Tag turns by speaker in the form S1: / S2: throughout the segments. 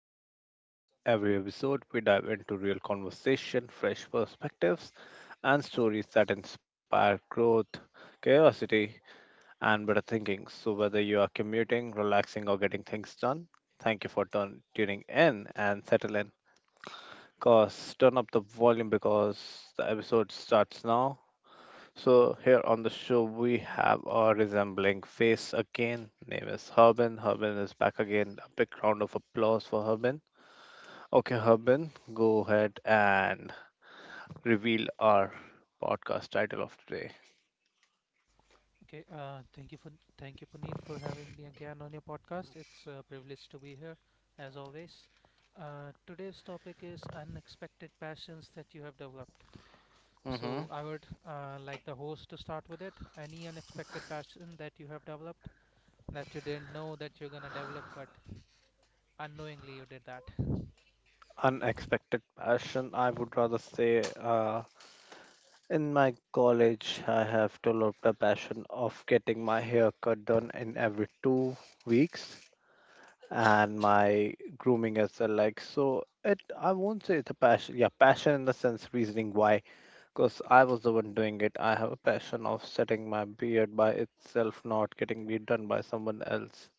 S1: here. Every episode, we dive into real conversation, fresh perspectives, and stories that inspire growth, curiosity, and better thinking. So, whether you are commuting, relaxing, or getting things done, thank you for tuning in and settle in. Cause turn up the volume because the episode starts now. So, here on the show, we have our resembling face again. Name is Harbin. Harbin is back again. A big round of applause for Harbin. Okay, Harbin, go ahead and reveal our podcast title of today.
S2: Okay, thank you Puneet for having me again on your podcast. It's a privilege to be here, as always. Today's topic is unexpected passions that you have developed.
S1: Hmm.
S2: So I would like the host to start with it. Any unexpected passion that you have developed that you didn't know that you're gonna develop, but unknowingly you did that.
S1: Unexpected passion, I would rather say. In my college, I have developed a passion of getting my hair cut done in every 2 weeks, and my grooming as well. Like so, it I won't say it's a passion. Yeah, passion in the sense, reasoning why, because I was the one doing it. I have a passion of setting my beard by itself, not getting it done by someone else.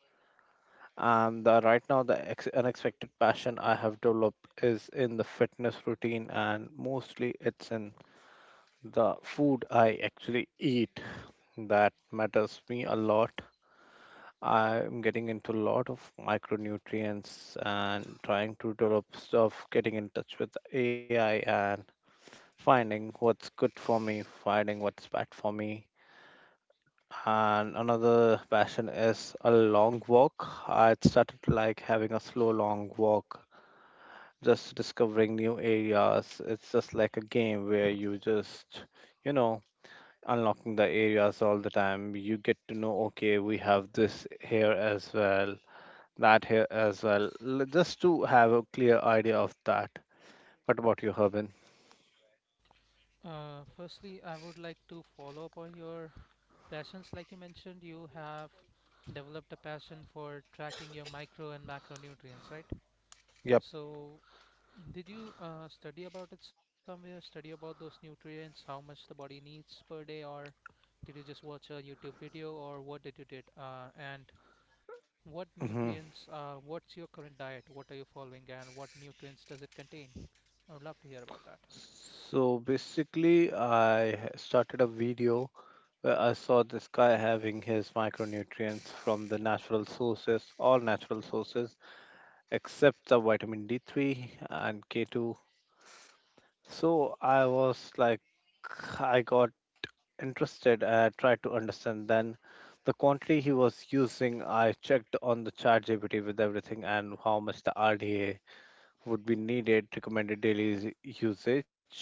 S1: And right now, the unexpected passion I have developed is in the fitness routine, and mostly it's in the food I actually eat that matters me a lot. I'm getting into a lot of micronutrients and trying to develop stuff, getting in touch with AI and finding what's good for me, finding what's bad for me. And another passion is a long walk. I started like having a slow long walk, just discovering new areas. It's just like a game where you just, you know, unlocking the areas all the time. You get to know, okay, we have this here as well, that here as well, just to have a clear idea of that. What about you, Harbin?
S2: Firstly, I would like to follow up on your passions. Like you mentioned, you have developed a passion for tracking your micro and macronutrients, right?
S1: Yep.
S2: So, did you study about it somewhere? Study about those nutrients, how much the body needs per day, or did you just watch a YouTube video, or what did you did? And what
S1: Hmm.
S2: nutrients? What's your current diet? What are you following, and what nutrients does it contain? I would love to hear about that.
S1: So basically, I started a video where I saw this guy having his micronutrients from the natural sources, all natural sources, except the vitamin D3 and K2. So I was like, I got interested. I tried to understand then the quantity he was using. I checked on the chat GPT with everything and how much the RDA would be needed, recommended daily usage.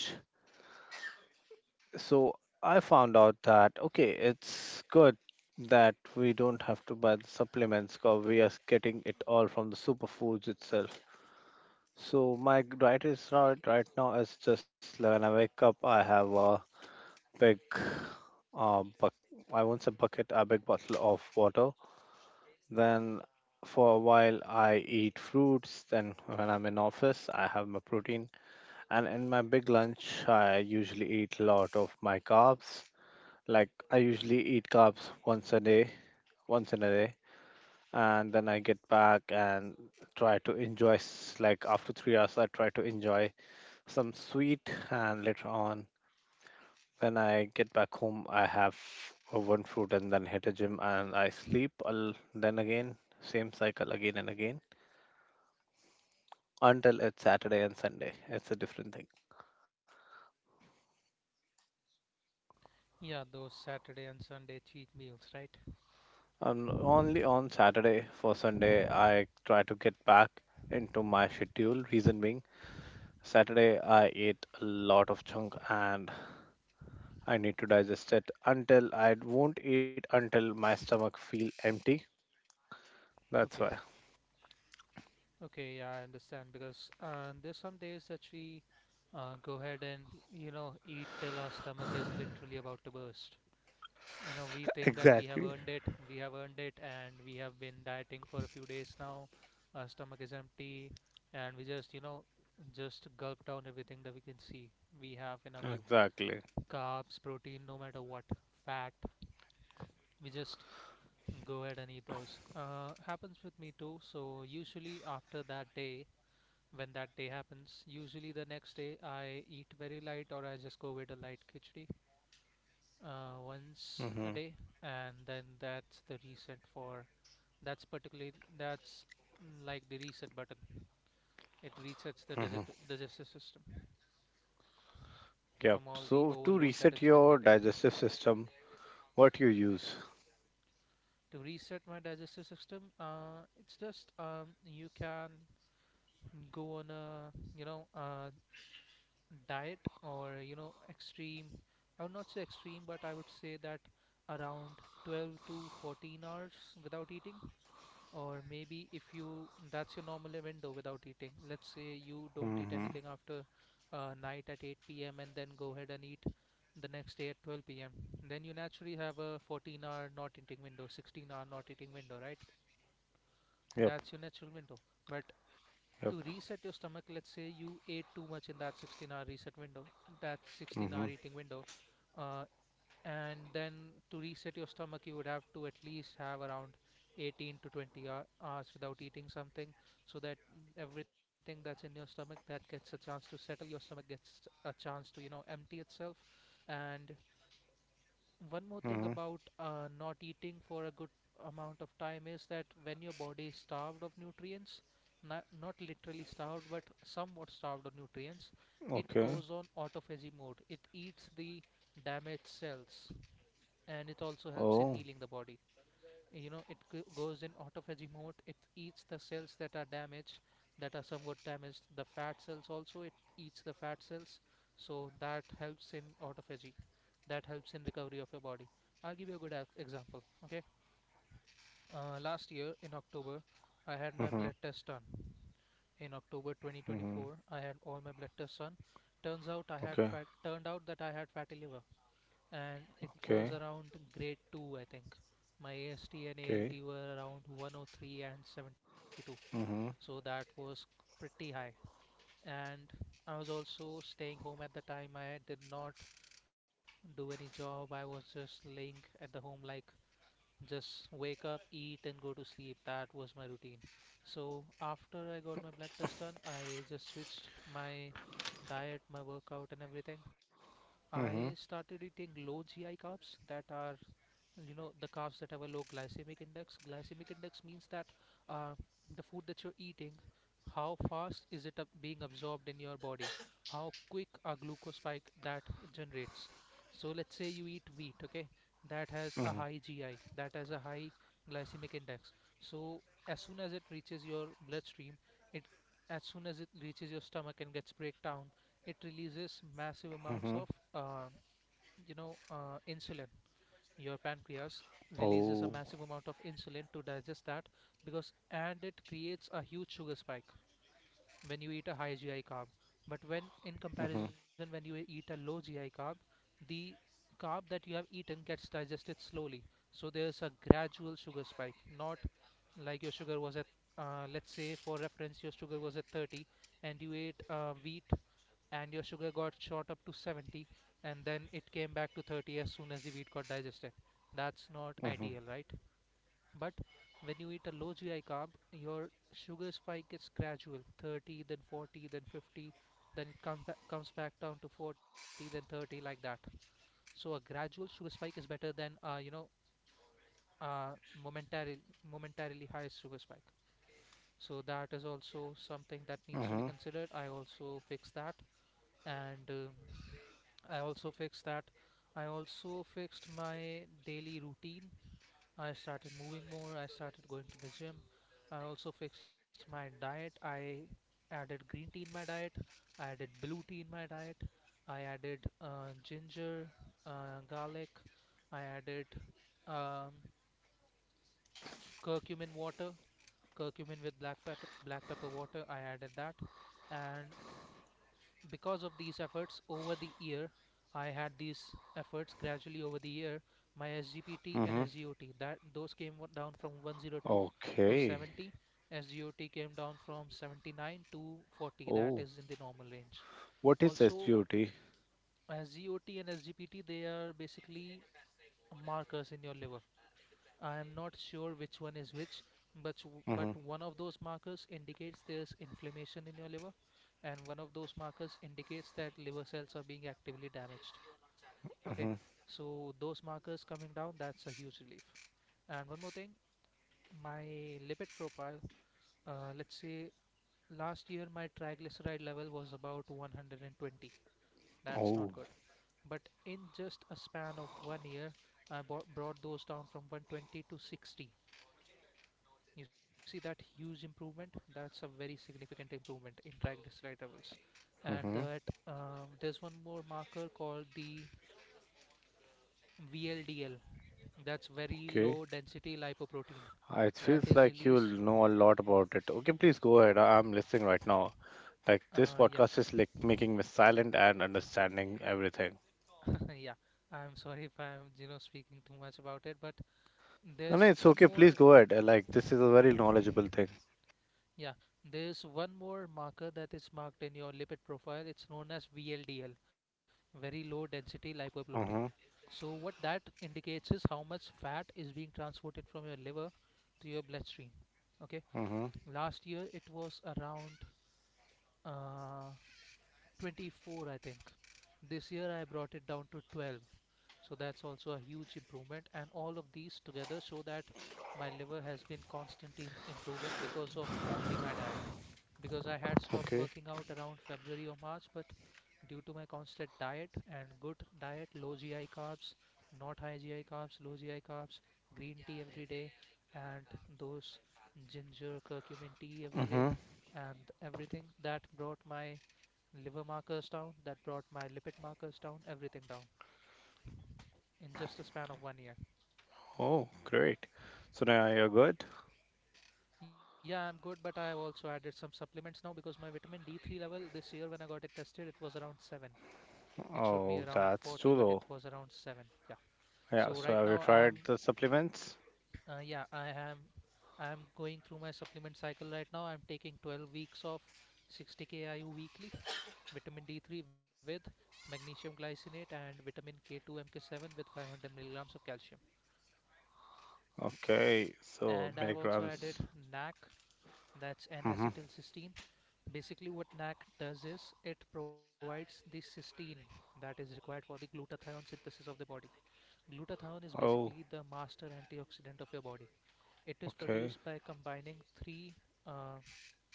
S1: So I found out that okay, it's good that we don't have to buy the supplements because we are getting it all from the superfoods itself. So my diet is right now is just like, when I wake up, I have a big, buck I won't say bucket, a big bottle of water. Then for a while, I eat fruits. Then when I'm in office, I have my protein. And in my big lunch, I usually eat a lot of my carbs. Like I usually eat carbs once a day, once in a day. And then I get back and try to like after 3 hours, I try to enjoy some sweet. And later on, when I get back home, I have one fruit and then hit a gym and I sleep. I'll, then again, same cycle again and again until it's Saturday and Sunday. It's a different thing.
S2: Yeah, those Saturday and Sunday cheat meals, right?
S1: Only on Saturday for Sunday, I try to get back into my schedule. Reason being, Saturday I ate a lot of junk and I need to digest it until, I won't eat until my stomach feel empty. That's why.
S2: Okay. Okay, yeah, I understand because there's some days that we go ahead and eat till our stomach is literally about to burst. We think that we
S1: Exactly.
S2: have earned it, and we have been dieting for a few days now. Our stomach is empty, and we just you know just gulp down everything that we can see we have in our view.
S1: Exactly.
S2: Carbs, protein, no matter what, fat, we just go ahead and eat those. Happens with me too. So usually after that day, when that day happens, usually the next day I eat very light, or I just go with a light khichdi, once
S1: Mm-hmm.
S2: a day, and then that's, like the reset button. It resets the digestive system
S1: Yep.
S2: from all the
S1: So to
S2: overload
S1: reset
S2: that it's been
S1: your
S2: getting.
S1: digestive system, what you use?
S2: To reset my digestive system, it's just you can go on a you know uh, diet, or extreme. I would not say extreme, but I would say that around 12 to 14 hours without eating. Or maybe if you that's your normal window without eating. Let's say you don't eat
S1: Mm-hmm.
S2: anything after night at 8 p.m., and then go ahead and eat the next day at 12 p.m. Then you naturally have a 14-hour not eating window, 16-hour not eating window, right?
S1: Yep.
S2: That's your natural window. But
S1: Yep.
S2: to reset your stomach, let's say you ate too much in that 16-hour reset window, that 16
S1: Mm-hmm.
S2: hour eating window, uh, and then to reset your stomach you would have to at least have around 18 to 20 hours without eating something, so that everything that's in your stomach, that gets a chance to settle, your stomach gets a chance to empty itself. And one more thing
S1: Mm-hmm.
S2: about not eating for a good amount of time is that when your body is starved of nutrients, not literally starved but somewhat starved of nutrients, it
S1: Okay.
S2: goes on autophagy mode, it eats the damaged cells, and it also helps in
S1: Oh.
S2: healing the body. It goes in autophagy mode. It eats the cells that are damaged, that are somewhat damaged. The fat cells, also it eats the fat cells, so that helps in autophagy. That helps in recovery of your body. I'll give you a good example. Okay, last year in October, I had my
S1: Mm-hmm.
S2: blood test done. In October
S1: Mm-hmm.
S2: 2024, I had all my blood tests done. Turns out I had
S1: Okay.
S2: fat. Turned out that I had fatty liver, and it
S1: Okay.
S2: was around grade 2, I think. My AST and
S1: Okay.
S2: ALT were around 103 and 72,
S1: Mm-hmm.
S2: so that was pretty high. And I was also staying home at the time. I did not do any job. I was just laying at the home, like just wake up, eat, and go to sleep. That was my routine. So after I got my blood test done, I just switched my diet, my workout, and everything. I
S1: Mm-hmm.
S2: started eating low GI carbs that are, the carbs that have a low glycemic index. Glycemic index means that uh, the food that you're eating, how fast is it being absorbed in your body? How quick a glucose spike that generates? So let's say you eat wheat, okay? That has
S1: Mm-hmm.
S2: a high GI, that has a high glycemic index. So as soon as it reaches your bloodstream, it as soon as it reaches your stomach and gets break down, it releases massive amounts
S1: Mm-hmm.
S2: of uh, insulin. Your pancreas releases
S1: Oh.
S2: a massive amount of insulin to digest that, because and it creates a huge sugar spike when you eat a high GI carb. But when in
S1: Mm-hmm.
S2: comparison, when you eat a low GI carb, the carb that you have eaten gets digested slowly. So there's a gradual sugar spike, not like your sugar was at let's say for reference your sugar was at 30, and you ate wheat, and your sugar got shot up to 70, and then it came back to 30 as soon as the wheat got digested. That's not
S1: Mm-hmm.
S2: ideal, right? But when you eat a low GI carb, your sugar spike is gradual, 30, then 40, then 50, then it comes back down to 40, then 30, like that. So a gradual sugar spike is better than, uh, momentary, momentarily high sugar spike. So that is also something that needs to
S1: Mm-hmm.
S2: be considered. I also fixed that, and I also fixed that. I also fixed my daily routine. I started moving more, I started going to the gym. I also fixed my diet. I added green tea in my diet, I added blue tea in my diet, I added ginger, garlic, I added um, curcumin water, curcumin with black pepper water. I added that, and because of these efforts over the year I had these efforts gradually over the year. My SGPT
S1: Mm-hmm.
S2: and SGOT, that those came down from 102 to
S1: Okay.
S2: 70. SGOT came down from 79 to 40, that
S1: Oh.
S2: is in the normal range.
S1: What is
S2: Also,
S1: SGOT?
S2: SGOT and SGPT, they are basically markers in your liver. I am not sure which one is which, but
S1: Mm-hmm.
S2: one of those markers indicates there's inflammation in your liver, and one of those markers indicates that liver cells are being actively damaged.
S1: Mm-hmm.
S2: Okay, so those markers coming down, that's a huge relief. And one more thing, my lipid profile. Let's say last year my triglyceride level was about 120. That's
S1: Oh.
S2: not good. But in just a span of one year, I brought those down from 120 to 60. You see that huge improvement? That's a very significant improvement in triglyceride levels. And
S1: Mm-hmm.
S2: that there's one more marker called the VLDL. That's very
S1: Okay.
S2: low density lipoprotein.
S1: It
S2: That
S1: feels
S2: is
S1: like you
S2: released.
S1: know a lot about it. Okay, please go ahead. I'm listening right now. Like this
S2: Yeah,
S1: podcast is like making me silent and understanding everything.
S2: yeah. I'm sorry if I'm speaking too much about it, but
S1: And
S2: there's
S1: it's
S2: one
S1: okay. Please
S2: more.
S1: go ahead. Like this is a very knowledgeable thing.
S2: Yeah, there's one more marker that is marked in your lipid profile. It's known as VLDL, very low density lipoprotein.
S1: Mhm.
S2: So what that indicates is how much fat is being transported from your liver to your bloodstream. Okay,
S1: Mhm.
S2: last year it was around uh, 24, I think. This year I brought it down to 12, so that's also a huge improvement, and all of these together show that my liver has been constantly improving because of only my diet, because I had stopped
S1: Okay.
S2: working out around February or March. But due to my constant diet and good diet, low GI carbs, not high GI carbs, low GI carbs, green tea every day, and those ginger curcumin tea every day,
S1: Mhm.
S2: and everything, that brought my liver markers down, that brought my lipid markers down, everything down, in just a span of one year.
S1: Oh, great. So now you're good.
S2: Yeah, I'm good, but I also added some supplements now because my vitamin D3 level this year when I got it tested, it was around 7. It should be
S1: Oh,
S2: around
S1: that's too
S2: 40, but
S1: low.
S2: it was around 7. Yeah.
S1: Yeah.
S2: So
S1: So
S2: right
S1: have you
S2: now
S1: tried
S2: I'm,
S1: the supplements?
S2: yeah, I am going through my supplement cycle right now. I'm taking 12 weeks of 60 kIU weekly vitamin D3 with magnesium glycinate and vitamin K2 MK7 with 500 milligrams of calcium.
S1: Okay. So
S2: And I have also
S1: milligrams.
S2: added NAC, that's n
S1: Mhm.
S2: acetyl cysteine. Basically, what NAC does is it provides the cysteine that is required for the glutathione synthesis of the body. Glutathione is
S1: Oh.
S2: basically the master antioxidant of your body. It is
S1: Okay.
S2: produced by combining three uh,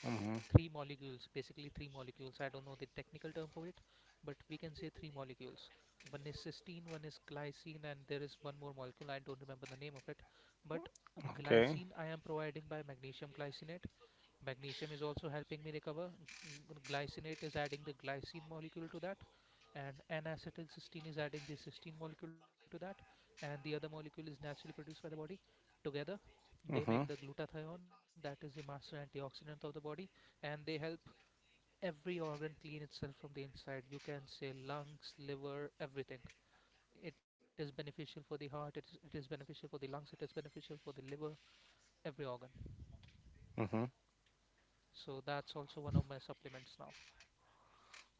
S1: Mhm.
S2: three molecules, basically three molecules. I don't know the technical term for it, but we can say three molecules. One is cysteine, one is glycine, and there is one more molecule. I don't remember the name of it, but
S1: Okay.
S2: glycine I am providing by magnesium glycinate. Magnesium is also helping me recover. Glycinate is adding the glycine molecule to that, and N-acetylcysteine is adding the cysteine molecule to that, and the other molecule is naturally produced by the body. Together, they
S1: Mhm.
S2: make the glutathione, that is the master antioxidant of the body, and they help every organ clean itself from the inside. You can say lungs, liver, everything. It is beneficial for the heart, it is beneficial for the lungs, it is beneficial for the liver, every organ.
S1: Mhm.
S2: So that's also one of my supplements now.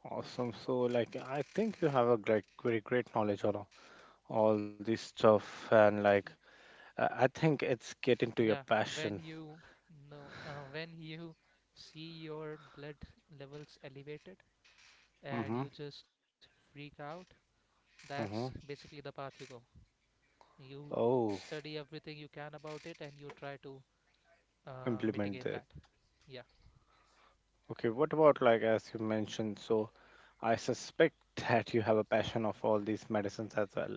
S1: Awesome. So, like, I think you have a great, very great knowledge on all this stuff, and like, I think it's get into
S2: Yeah,
S1: your
S2: when
S1: passion.
S2: you when you see your blood levels elevated and you
S1: Mm-hmm.
S2: just freak out, that's
S1: Mm-hmm.
S2: basically the path you go. You
S1: Oh,
S2: study everything you can about it and you try to mitigate
S1: implement
S2: that.
S1: that.
S2: Yeah.
S1: Okay, what about like as you mentioned, so I suspect that you have a passion of all these medicines as well.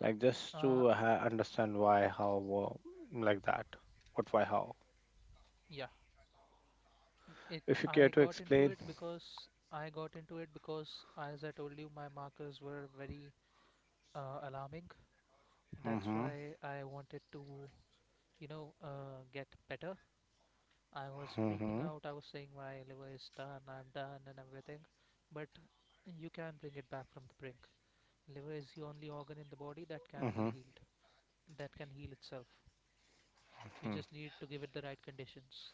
S1: Like just
S2: Uh,
S1: to ha understand why, how, like that. What, why, how.
S2: yeah. It.
S1: If you care to explain.
S2: I got into it because, as I told you, my markers were very alarming. That's
S1: Mm-hmm.
S2: why I wanted to, get better. I was freaking
S1: Mm-hmm.
S2: out. I was saying my liver is done, I'm done, and everything. But you can bring it back from the brink. Liver is the only organ in the body that can
S1: Mm-hmm.
S2: be healed, that can heal itself. You
S1: Hmm.
S2: just need to give it the right conditions.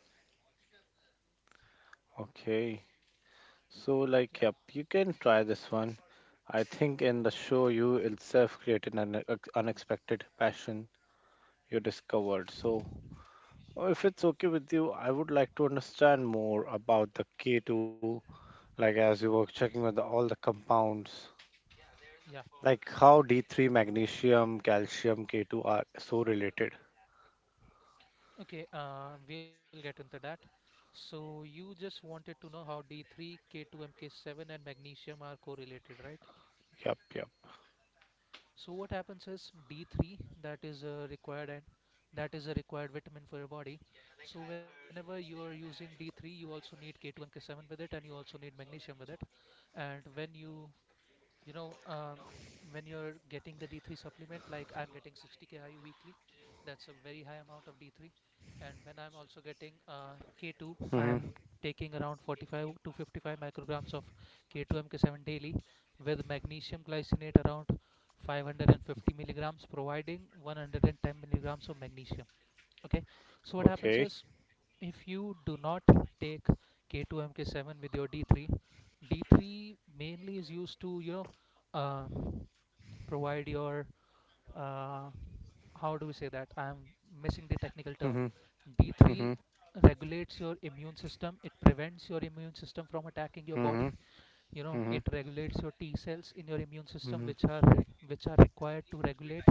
S1: Okay. So like,
S2: Yeah,
S1: yep, you can try this one. I think in the show you itself created an unexpected passion you discovered. So, if it's okay with you, I would like to understand more about the K2, like as you were checking with all the compounds,
S2: yeah.
S1: like how D3, magnesium, calcium, K2 are so related.
S2: Okay, we'll get into that. So, you just wanted to know how D3, K2, MK7, and magnesium are correlated, right?
S1: Yep, yep.
S2: So what happens is D3 that is required, and that is a required vitamin for your body. So whenever you are using D3, you also need K2 MK7 with it, and you also need magnesium with it. And you know um, when you're getting the d3 supplement, like I'm getting 60 kIU weekly, that's a very high amount of d3. And when I'm also getting k2, I
S1: Mm-hmm.
S2: am taking around 45 to 55 micrograms of k2 mk7 daily, with magnesium glycinate around 550 milligrams providing 110 milligrams of magnesium. Okay, so what happens
S1: Okay.
S2: is, if you do not take K2MK7 with your D3, D3 mainly is used to, uh, provide your, uh, how do we say that? I am missing the technical term.
S1: Mm-hmm. Mm-hmm.
S2: D3 regulates your immune system. It prevents your immune system from attacking your
S1: Mm-hmm.
S2: body. You know,
S1: Mm-hmm.
S2: it regulates your T cells in your immune system,
S1: Mm-hmm.
S2: which are required to regulate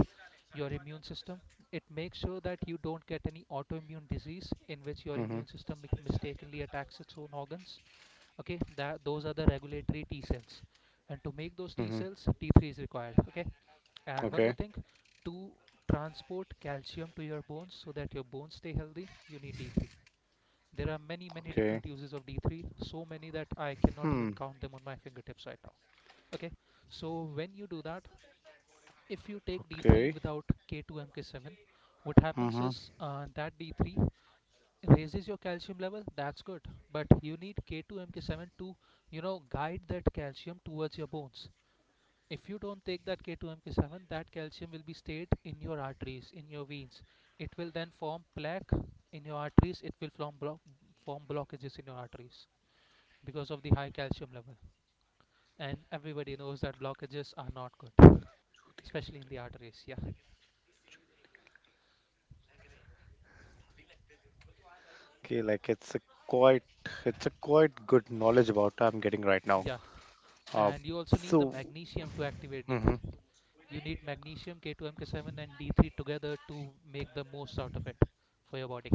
S2: your immune system. It makes sure that you don't get any autoimmune disease in which your
S1: Mm-hmm.
S2: immune system mistakenly attacks its own organs. Okay, that those are the regulatory T cells, and to make those T
S1: Mm-hmm.
S2: cells, t3 is required. Okay, and one more
S1: Okay.
S2: thing: to transport calcium to your bones so that your bones stay healthy, you need d3. There are many, many
S1: Okay.
S2: different uses of d3, so many that I cannot even
S1: Hmm.
S2: count them on my fingertips right now. Okay, so when you do that, if you take d3
S1: Okay.
S2: without k2 mk7, what happens
S1: Mm-hmm.
S2: is that d3 raises your calcium level. That's good, but you need k2 mk7 to guide that calcium towards your bones. If you don't take that k2 mk7, that calcium will be stayed in your arteries, in your veins. It will then form plaque in your arteries. It will form blockages in your arteries because of the high calcium level. And everybody knows that blockages are not good, especially in the arteries. Yeah,
S1: Okay. Like quite, it's a quite good knowledge about I'm getting right now.
S2: yeah.
S1: Uh.
S2: And you also need the
S1: So.
S2: magnesium to activate
S1: Mm-hmm.
S2: D3. You need magnesium, K2MK7, and D3 together to make the most out of it for your body.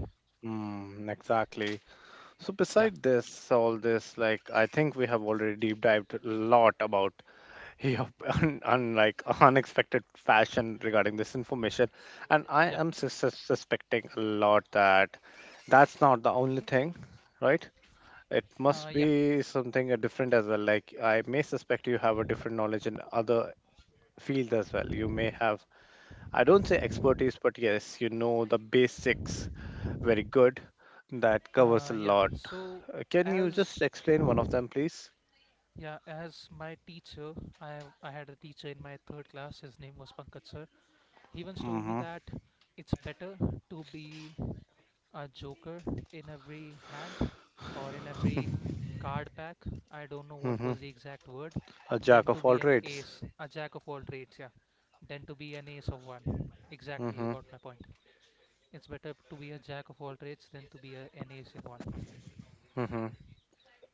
S1: Mm, exactly.
S2: Yeah,
S1: So beside this, all this, like I think we have already deep dived a lot about your like unexpected fashion regarding this information, and I
S2: yeah,
S1: am suspecting a lot that that's not the only thing, right? It must
S2: yeah,
S1: be something different as well. Like I may suspect you have a different knowledge in other field as well. You may have, I don't say expertise, but yes, you know the basics very good. That
S2: yeah.
S1: covers a lot.
S2: So,
S1: Can
S2: as
S1: you just explain one of them, please?
S2: yeah, as my teacher — I had a teacher in my third class. His name was Pankaj sir. He once told me
S1: Mm-hmm.
S2: that it's better to be a joker in every hand, or in every card pack. I don't know what
S1: Mm-hmm.
S2: was the exact word.
S1: A jack
S2: Then to
S1: of all
S2: be an
S1: trades.
S2: ace — a jack of all trades, yeah. Then to be an ace of one. Exactly, you
S1: Mm-hmm.
S2: got my point. It's better to be a jack of all trades than to be a, an ace in one.
S1: Mm-hmm.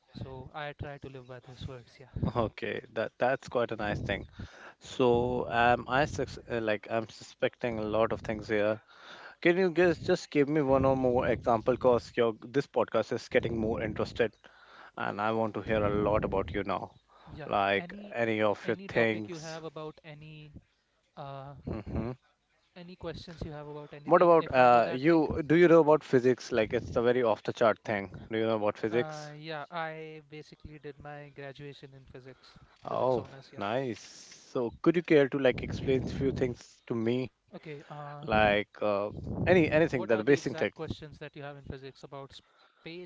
S2: So I try to live by those words, yeah.
S1: Okay, that's quite a nice thing. So, I like I'm suspecting a lot of things here. Can you guys just give me one or more example? Cause your this podcast is getting more interested, and I want to hear a lot about you now.
S2: Yeah.
S1: Like
S2: Any
S1: any of your
S2: any topic you
S1: things.
S2: have about uh
S1: Mm-hmm.
S2: any questions you have about
S1: What
S2: anything,
S1: about
S2: if I know that thing.
S1: you? Do you know about physics? Like it's a very off the chart thing. Do you know about physics?
S2: Yeah, I basically did my graduation in physics, physics
S1: Oh,
S2: honors. Yeah.
S1: nice. So could you care to like explain few things to me?
S2: Okay.
S1: Like anything that the
S2: What are the
S1: basic thing.
S2: exact questions that you have in physics about space,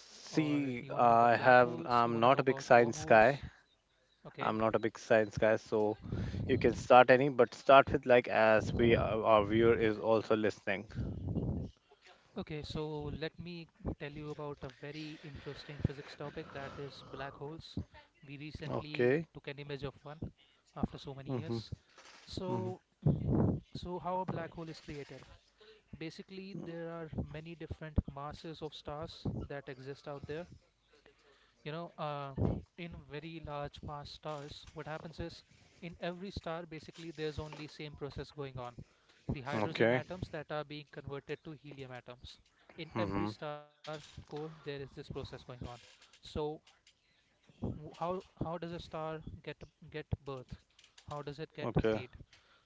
S2: or you wanna know about black holes? You wanna
S1: I'm
S2: know
S1: not a
S2: about
S1: big science guy.
S2: wormholes? Okay.
S1: I'm not a big science guy, so you can start any, but start with like as we our viewer is also listening.
S2: Okay. So let me tell you about a very interesting physics topic, that is black holes. We recently
S1: Okay.
S2: took an image of one after so many
S1: Mm-hmm.
S2: years.
S1: Mm-hmm.
S2: So, how a black hole is created? Basically there are many different masses of stars that exist out there. you know uh, in very large mass stars, what happens is, in every star basically, there's only same process going on — the
S1: Okay.
S2: hydrogen atoms that are being converted to helium atoms. In
S1: Mm-hmm.
S2: every star core there is this process going on. So, how does a star get get birth, how does it get
S1: Okay.
S2: made?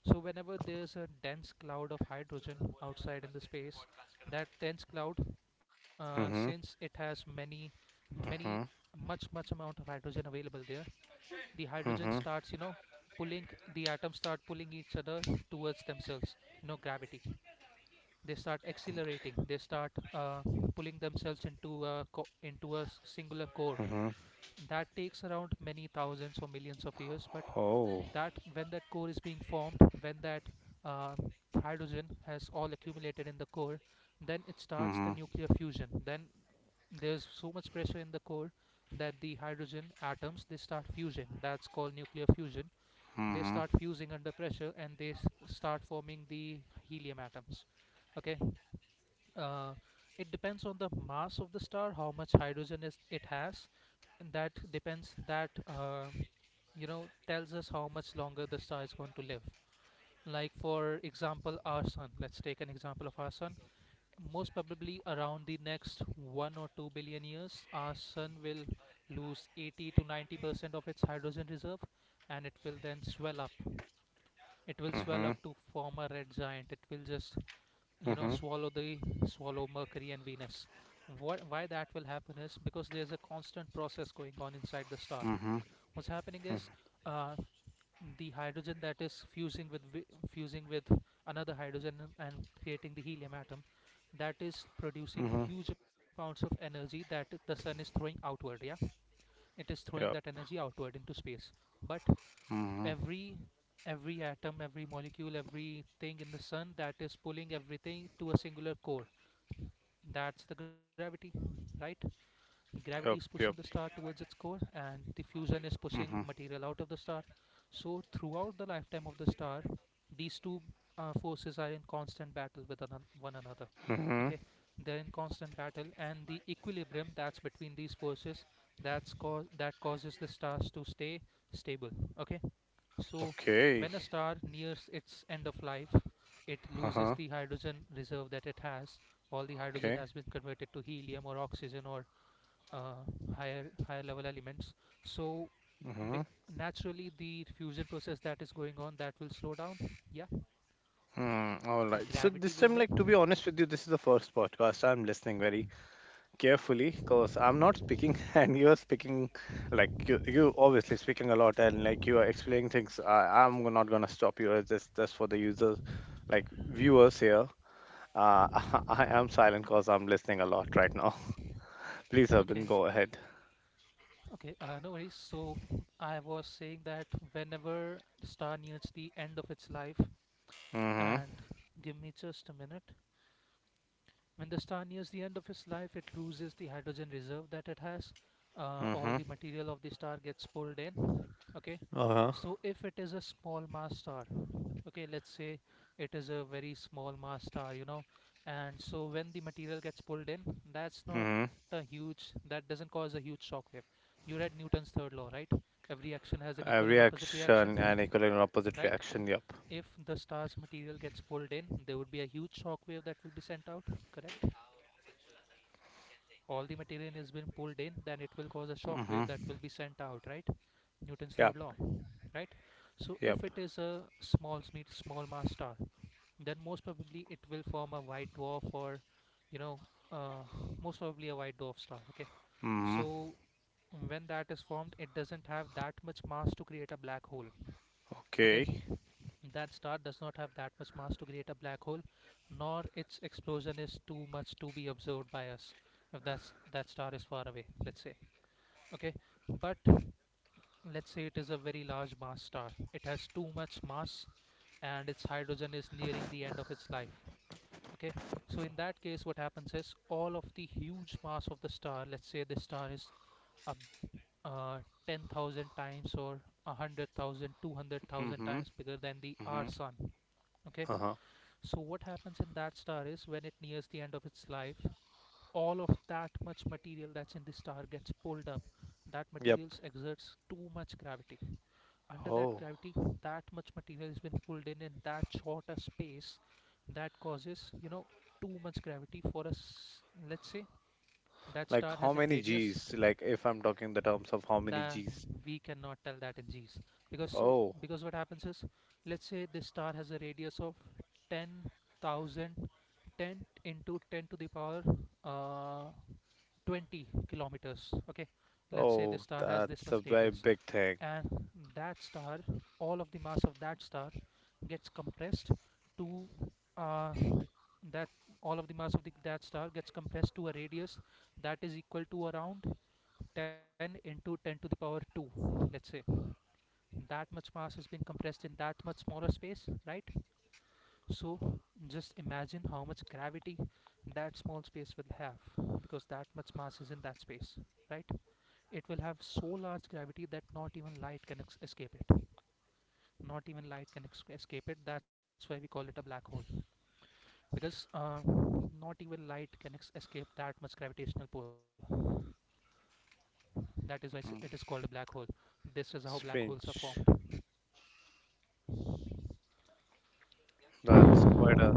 S2: So whenever there's a dense cloud of hydrogen outside in the space, that dense cloud, since
S1: Mm-hmm.
S2: it has many much amount of hydrogen available there, the hydrogen
S1: Mm-hmm.
S2: starts, pulling — the atoms start pulling each other towards themselves, you know, gravity. They start accelerating, they start pulling themselves into a singular core.
S1: Mm-hmm.
S2: That takes around many thousands or millions of years. But
S1: Oh.
S2: that when that core is being formed, when that uh, hydrogen has all accumulated in the core, then it starts
S1: Mm-hmm.
S2: the nuclear fusion. Then there's so much pressure in the core that the hydrogen atoms, they start fusing — that's called nuclear fusion. They
S1: Mm-hmm.
S2: start fusing under pressure, and they start forming the helium atoms. Okay. uh, it depends on the mass of the star, how much hydrogen is it has, and that depends. That, tells us how much longer the star is going to live. Like, for example, our sun. Let's take an example of our sun. Most probably around the next 1 or 2 billion years, our sun will lose 80 to 90% of its hydrogen reserve, and it will then swell up. It will swell
S1: Mm-hmm.
S2: up to form a red giant. It will just,
S1: Mm-hmm.
S2: swallow the, swallow Mercury and Venus. What, why that will happen is because there's a constant process going on inside the star.
S1: Mm-hmm.
S2: What's happening is, uh, the hydrogen that is fusing with another hydrogen and creating the helium atom, that is producing
S1: Mm-hmm.
S2: huge amounts of energy that the sun is throwing outward. Yeah, it is throwing that
S1: Yep.
S2: energy outward into space. But
S1: Mm-hmm.
S2: every every atom, every molecule, everything in the sun, that is pulling everything to a singular core — that's the gravity, right? Gravity is
S1: Yep.
S2: pushing
S1: Yep.
S2: the star towards its core, and the fusion is pushing
S1: Mm-hmm.
S2: material out of the star. So, throughout the lifetime of the star, these two forces are in constant battle with one another.
S1: Mm-hmm.
S2: Okay, they're in constant battle, and the equilibrium that's between these forces, that causes the stars to stay stable. Okay, so,
S1: Okay.
S2: when a star nears its end of life, it loses
S1: Uh-huh.
S2: the hydrogen reserve that it has. All the hydrogen
S1: Okay.
S2: has been converted to helium or oxygen or uh, higher level elements. So,
S1: Mm-hmm.
S2: ba- naturally, the fusion process that is going on, that will slow down. Yeah,
S1: Mm, all right. So
S2: gravity
S1: this
S2: will
S1: time,
S2: win.
S1: like, to be honest with you, this is the first podcast. I'm listening very carefully because I'm not speaking, and you're speaking, like you obviously speaking a lot, and like you are explaining things. I'm not gonna stop you. Just for the users, like viewers here. Uh, I am silent because I'm listening a lot right now.
S2: Okay,
S1: Please, Urban, go ahead.
S2: okay, no worries. So I was saying that whenever the star nears the end of its life,
S1: Mm-hmm.
S2: and, give me just a minute. When the star nears the end of its life, it loses the hydrogen reserve that it has. All
S1: Mm-hmm.
S2: the material of the star gets pulled in. Okay,
S1: Uh-huh.
S2: so if it is a small mass star — okay, let's say it is a very small mass star, and so when the material gets pulled in, that's not a
S1: Mm-hmm.
S2: huge, that doesn't cause a huge shock wave. You read Newton's third law, right? Every action has an
S1: A
S2: equal and opposite
S1: reaction and
S2: reaction,
S1: equal and opposite
S2: right?
S1: reaction. Yep.
S2: If the star's material gets pulled in, there would be a huge shock wave that will be sent out, correct? All the material has been pulled in, then it will cause a shock wave that
S1: Mm-hmm.
S2: will be sent out, right? Newton's third
S1: Yep.
S2: law, right? So
S1: Yep.
S2: if it is a small mass star, then most probably it will form a white dwarf, or, you know uh, most probably a white dwarf star. Okay,
S1: Mm-hmm.
S2: so when that is formed, it doesn't have that much mass to create a black hole. Okay,
S1: Okay.
S2: that star does not have that much mass to create a black hole, nor its explosion is too much to be observed by us if that star is far away, let's say. Okay, but let's say it is a very large mass star. It has too much mass, and its hydrogen is nearing the end of its life. Okay, so in that case, what happens is all of the huge mass of the star, let's say the star is a, uh, 10,000 times or a hundred thousand, 200,000
S1: Mm-hmm.
S2: times bigger than the our
S1: Mm-hmm.
S2: sun. Okay,
S1: Uh-huh.
S2: so what happens in that star is when it nears the end of its life, all of that much material that's in the star gets pulled up. That
S1: Yep.
S2: material exerts too much gravity. Under that
S1: Oh.
S2: gravity, that much material has been pulled in that short a space that causes too much gravity for us. Let's say that
S1: Like
S2: star
S1: how
S2: has a
S1: many
S2: radius
S1: G's? Like if I'm talking the terms of how many
S2: that
S1: G's.
S2: we cannot tell that in g's, because so
S1: Oh.
S2: because what happens is, let's say this star has a radius of 10,010 into 10 to the power uh, 20 kilometers. Okay, let's say this
S1: Oh,
S2: star has this
S1: that's
S2: much
S1: a very
S2: radius,
S1: big thing.
S2: and that star all of the mass of that star gets compressed to uh, that all of the mass of that star gets compressed to a radius that is equal to around 10 into 10 to the power 2, let's say. That much mass has been compressed in that much smaller space, right? So just imagine how much gravity that small space will have, because that much mass is in that space, right? It will have so large gravity that not even light can escape it. Not even light can escape it. That's why we call it a black hole, because not even light can escape that much gravitational pull. That is why it is
S1: Mm.
S2: called a black hole. This is how black holes are
S1: Strange. That's quite
S2: formed.
S1: a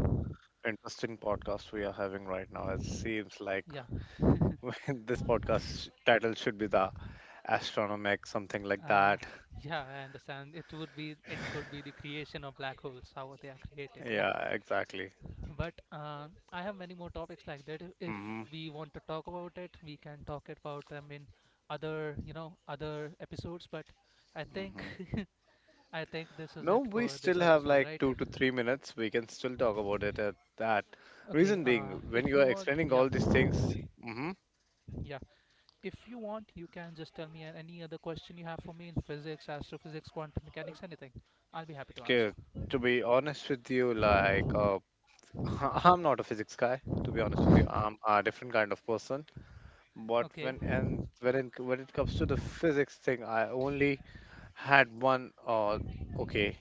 S1: interesting podcast we are having right now. It seems like
S2: Yeah.
S1: this podcast title should be the Astronomic, something like
S2: uh,
S1: that.
S2: yeah, I understand, it could be the creation of black holes, how they are created. Yeah.
S1: Yeah, exactly.
S2: But I have many more topics like that. If
S1: Hmm.
S2: we want to talk about it, we can talk about them in other you know other episodes, but i think
S1: Hmm.
S2: I think this is
S1: No,
S2: it
S1: we
S2: for this
S1: still have
S2: episode,
S1: like
S2: right?
S1: 2 to 3 minutes. We can still talk about it at that.
S2: Okay,
S1: Reason being, when
S2: if
S1: you
S2: you
S1: are
S2: want,
S1: explaining
S2: yeah,
S1: all these things, mm-hmm,
S2: yeah. If you want, you can just tell me any other question you have for me in physics, astrophysics, quantum mechanics, anything. I'll be happy to answer.
S1: okay, to be honest with you, like I'm not a physics guy. To be honest with you, I'm a different kind of person. But
S2: Okay,
S1: when it comes to the physics thing, I only had one. Okay.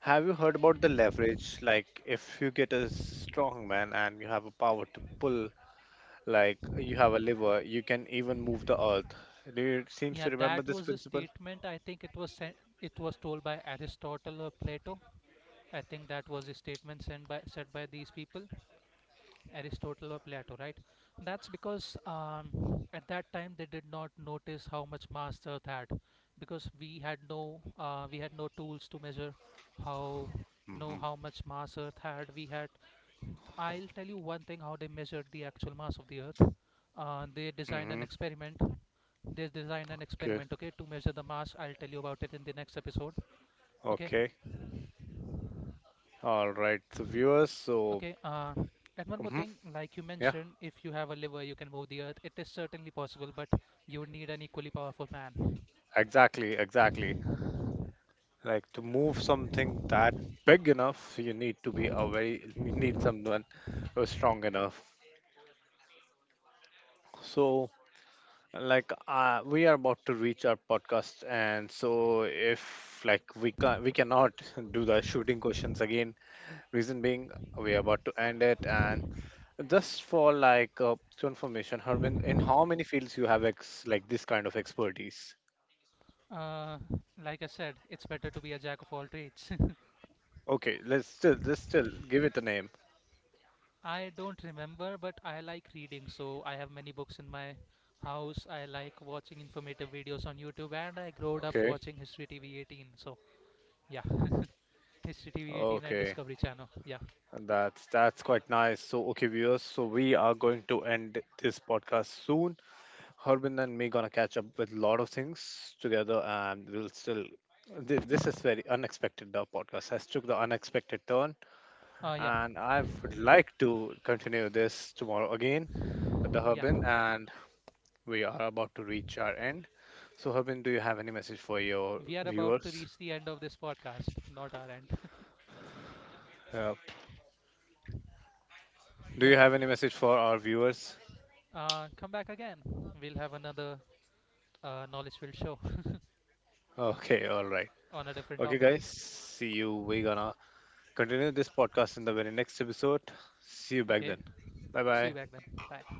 S1: Have you heard about the leverage? Like, if you get a strong man and you have a power to pull, like you have a lever, you can even move the earth. Do you seems to
S2: yeah,
S1: remember
S2: that
S1: this
S2: was a
S1: principle?
S2: statement. I think it was told by Aristotle or Plato. I think that was a statement sent by said by these people. Aristotle or Plato, right? That's because at that time they did not notice how much mass the Earth had, because we had no tools to measure how you
S1: Mm-hmm.
S2: know how much mass Earth had. We had I'll tell you one thing, how they measured the actual mass of the Earth. They
S1: Mm-hmm.
S2: designed an experiment. They designed an
S1: Okay.
S2: experiment, okay, to measure the mass. I'll tell you about it in the next episode, okay?
S1: Okay. All right. So, viewers, so,
S2: Okay, and one more
S1: hmm
S2: thing, like you
S1: yeah,
S2: mentioned, if you have a liver, you can move the earth. It is certainly possible, but you would need an equally powerful man.
S1: exactly, exactly. Like to move something that big enough, you need to be a very, you need someone who's strong enough. So, like, we are about to reach our podcast, and so if like we can, we cannot do the shooting questions again. Reason being, we are about to end it, and just for like to information, Harbin, in how many fields you have ex like this kind of expertise?
S2: Uh, like I said, it's better to be a jack of all trades.
S1: Okay, let's still give it a name.
S2: I don't remember, but I like reading, so I have many books in my house. I like watching informative videos on YouTube, and I grew up
S1: Okay,
S2: watching History TV 18. So yeah, History TV 18 and
S1: okay.
S2: Discovery Channel. Yeah,
S1: That's quite nice. So okay, viewers. So we are going to end this podcast soon. Harbin and me gonna catch up with a lot of things together, and we'll still. This is very unexpected. The podcast has took the unexpected turn,
S2: yeah,
S1: and I would like to continue this tomorrow again with the
S2: yeah.
S1: Harbin, and we are about to reach our end. So Harbin, do you have any message for your
S2: We are about to
S1: viewers?
S2: reach the end of this podcast, not our end.
S1: Uh,
S2: Yeah.
S1: do you have any message for our viewers?
S2: Come back again. We'll have another knowledge field show
S1: Okay, all right.
S2: on a different
S1: Okay,
S2: topic.
S1: guys. See you. We're gonna continue this podcast in the very next episode. See you back
S2: Okay,
S1: then. Bye
S2: see you
S1: bye.
S2: back then. Bye.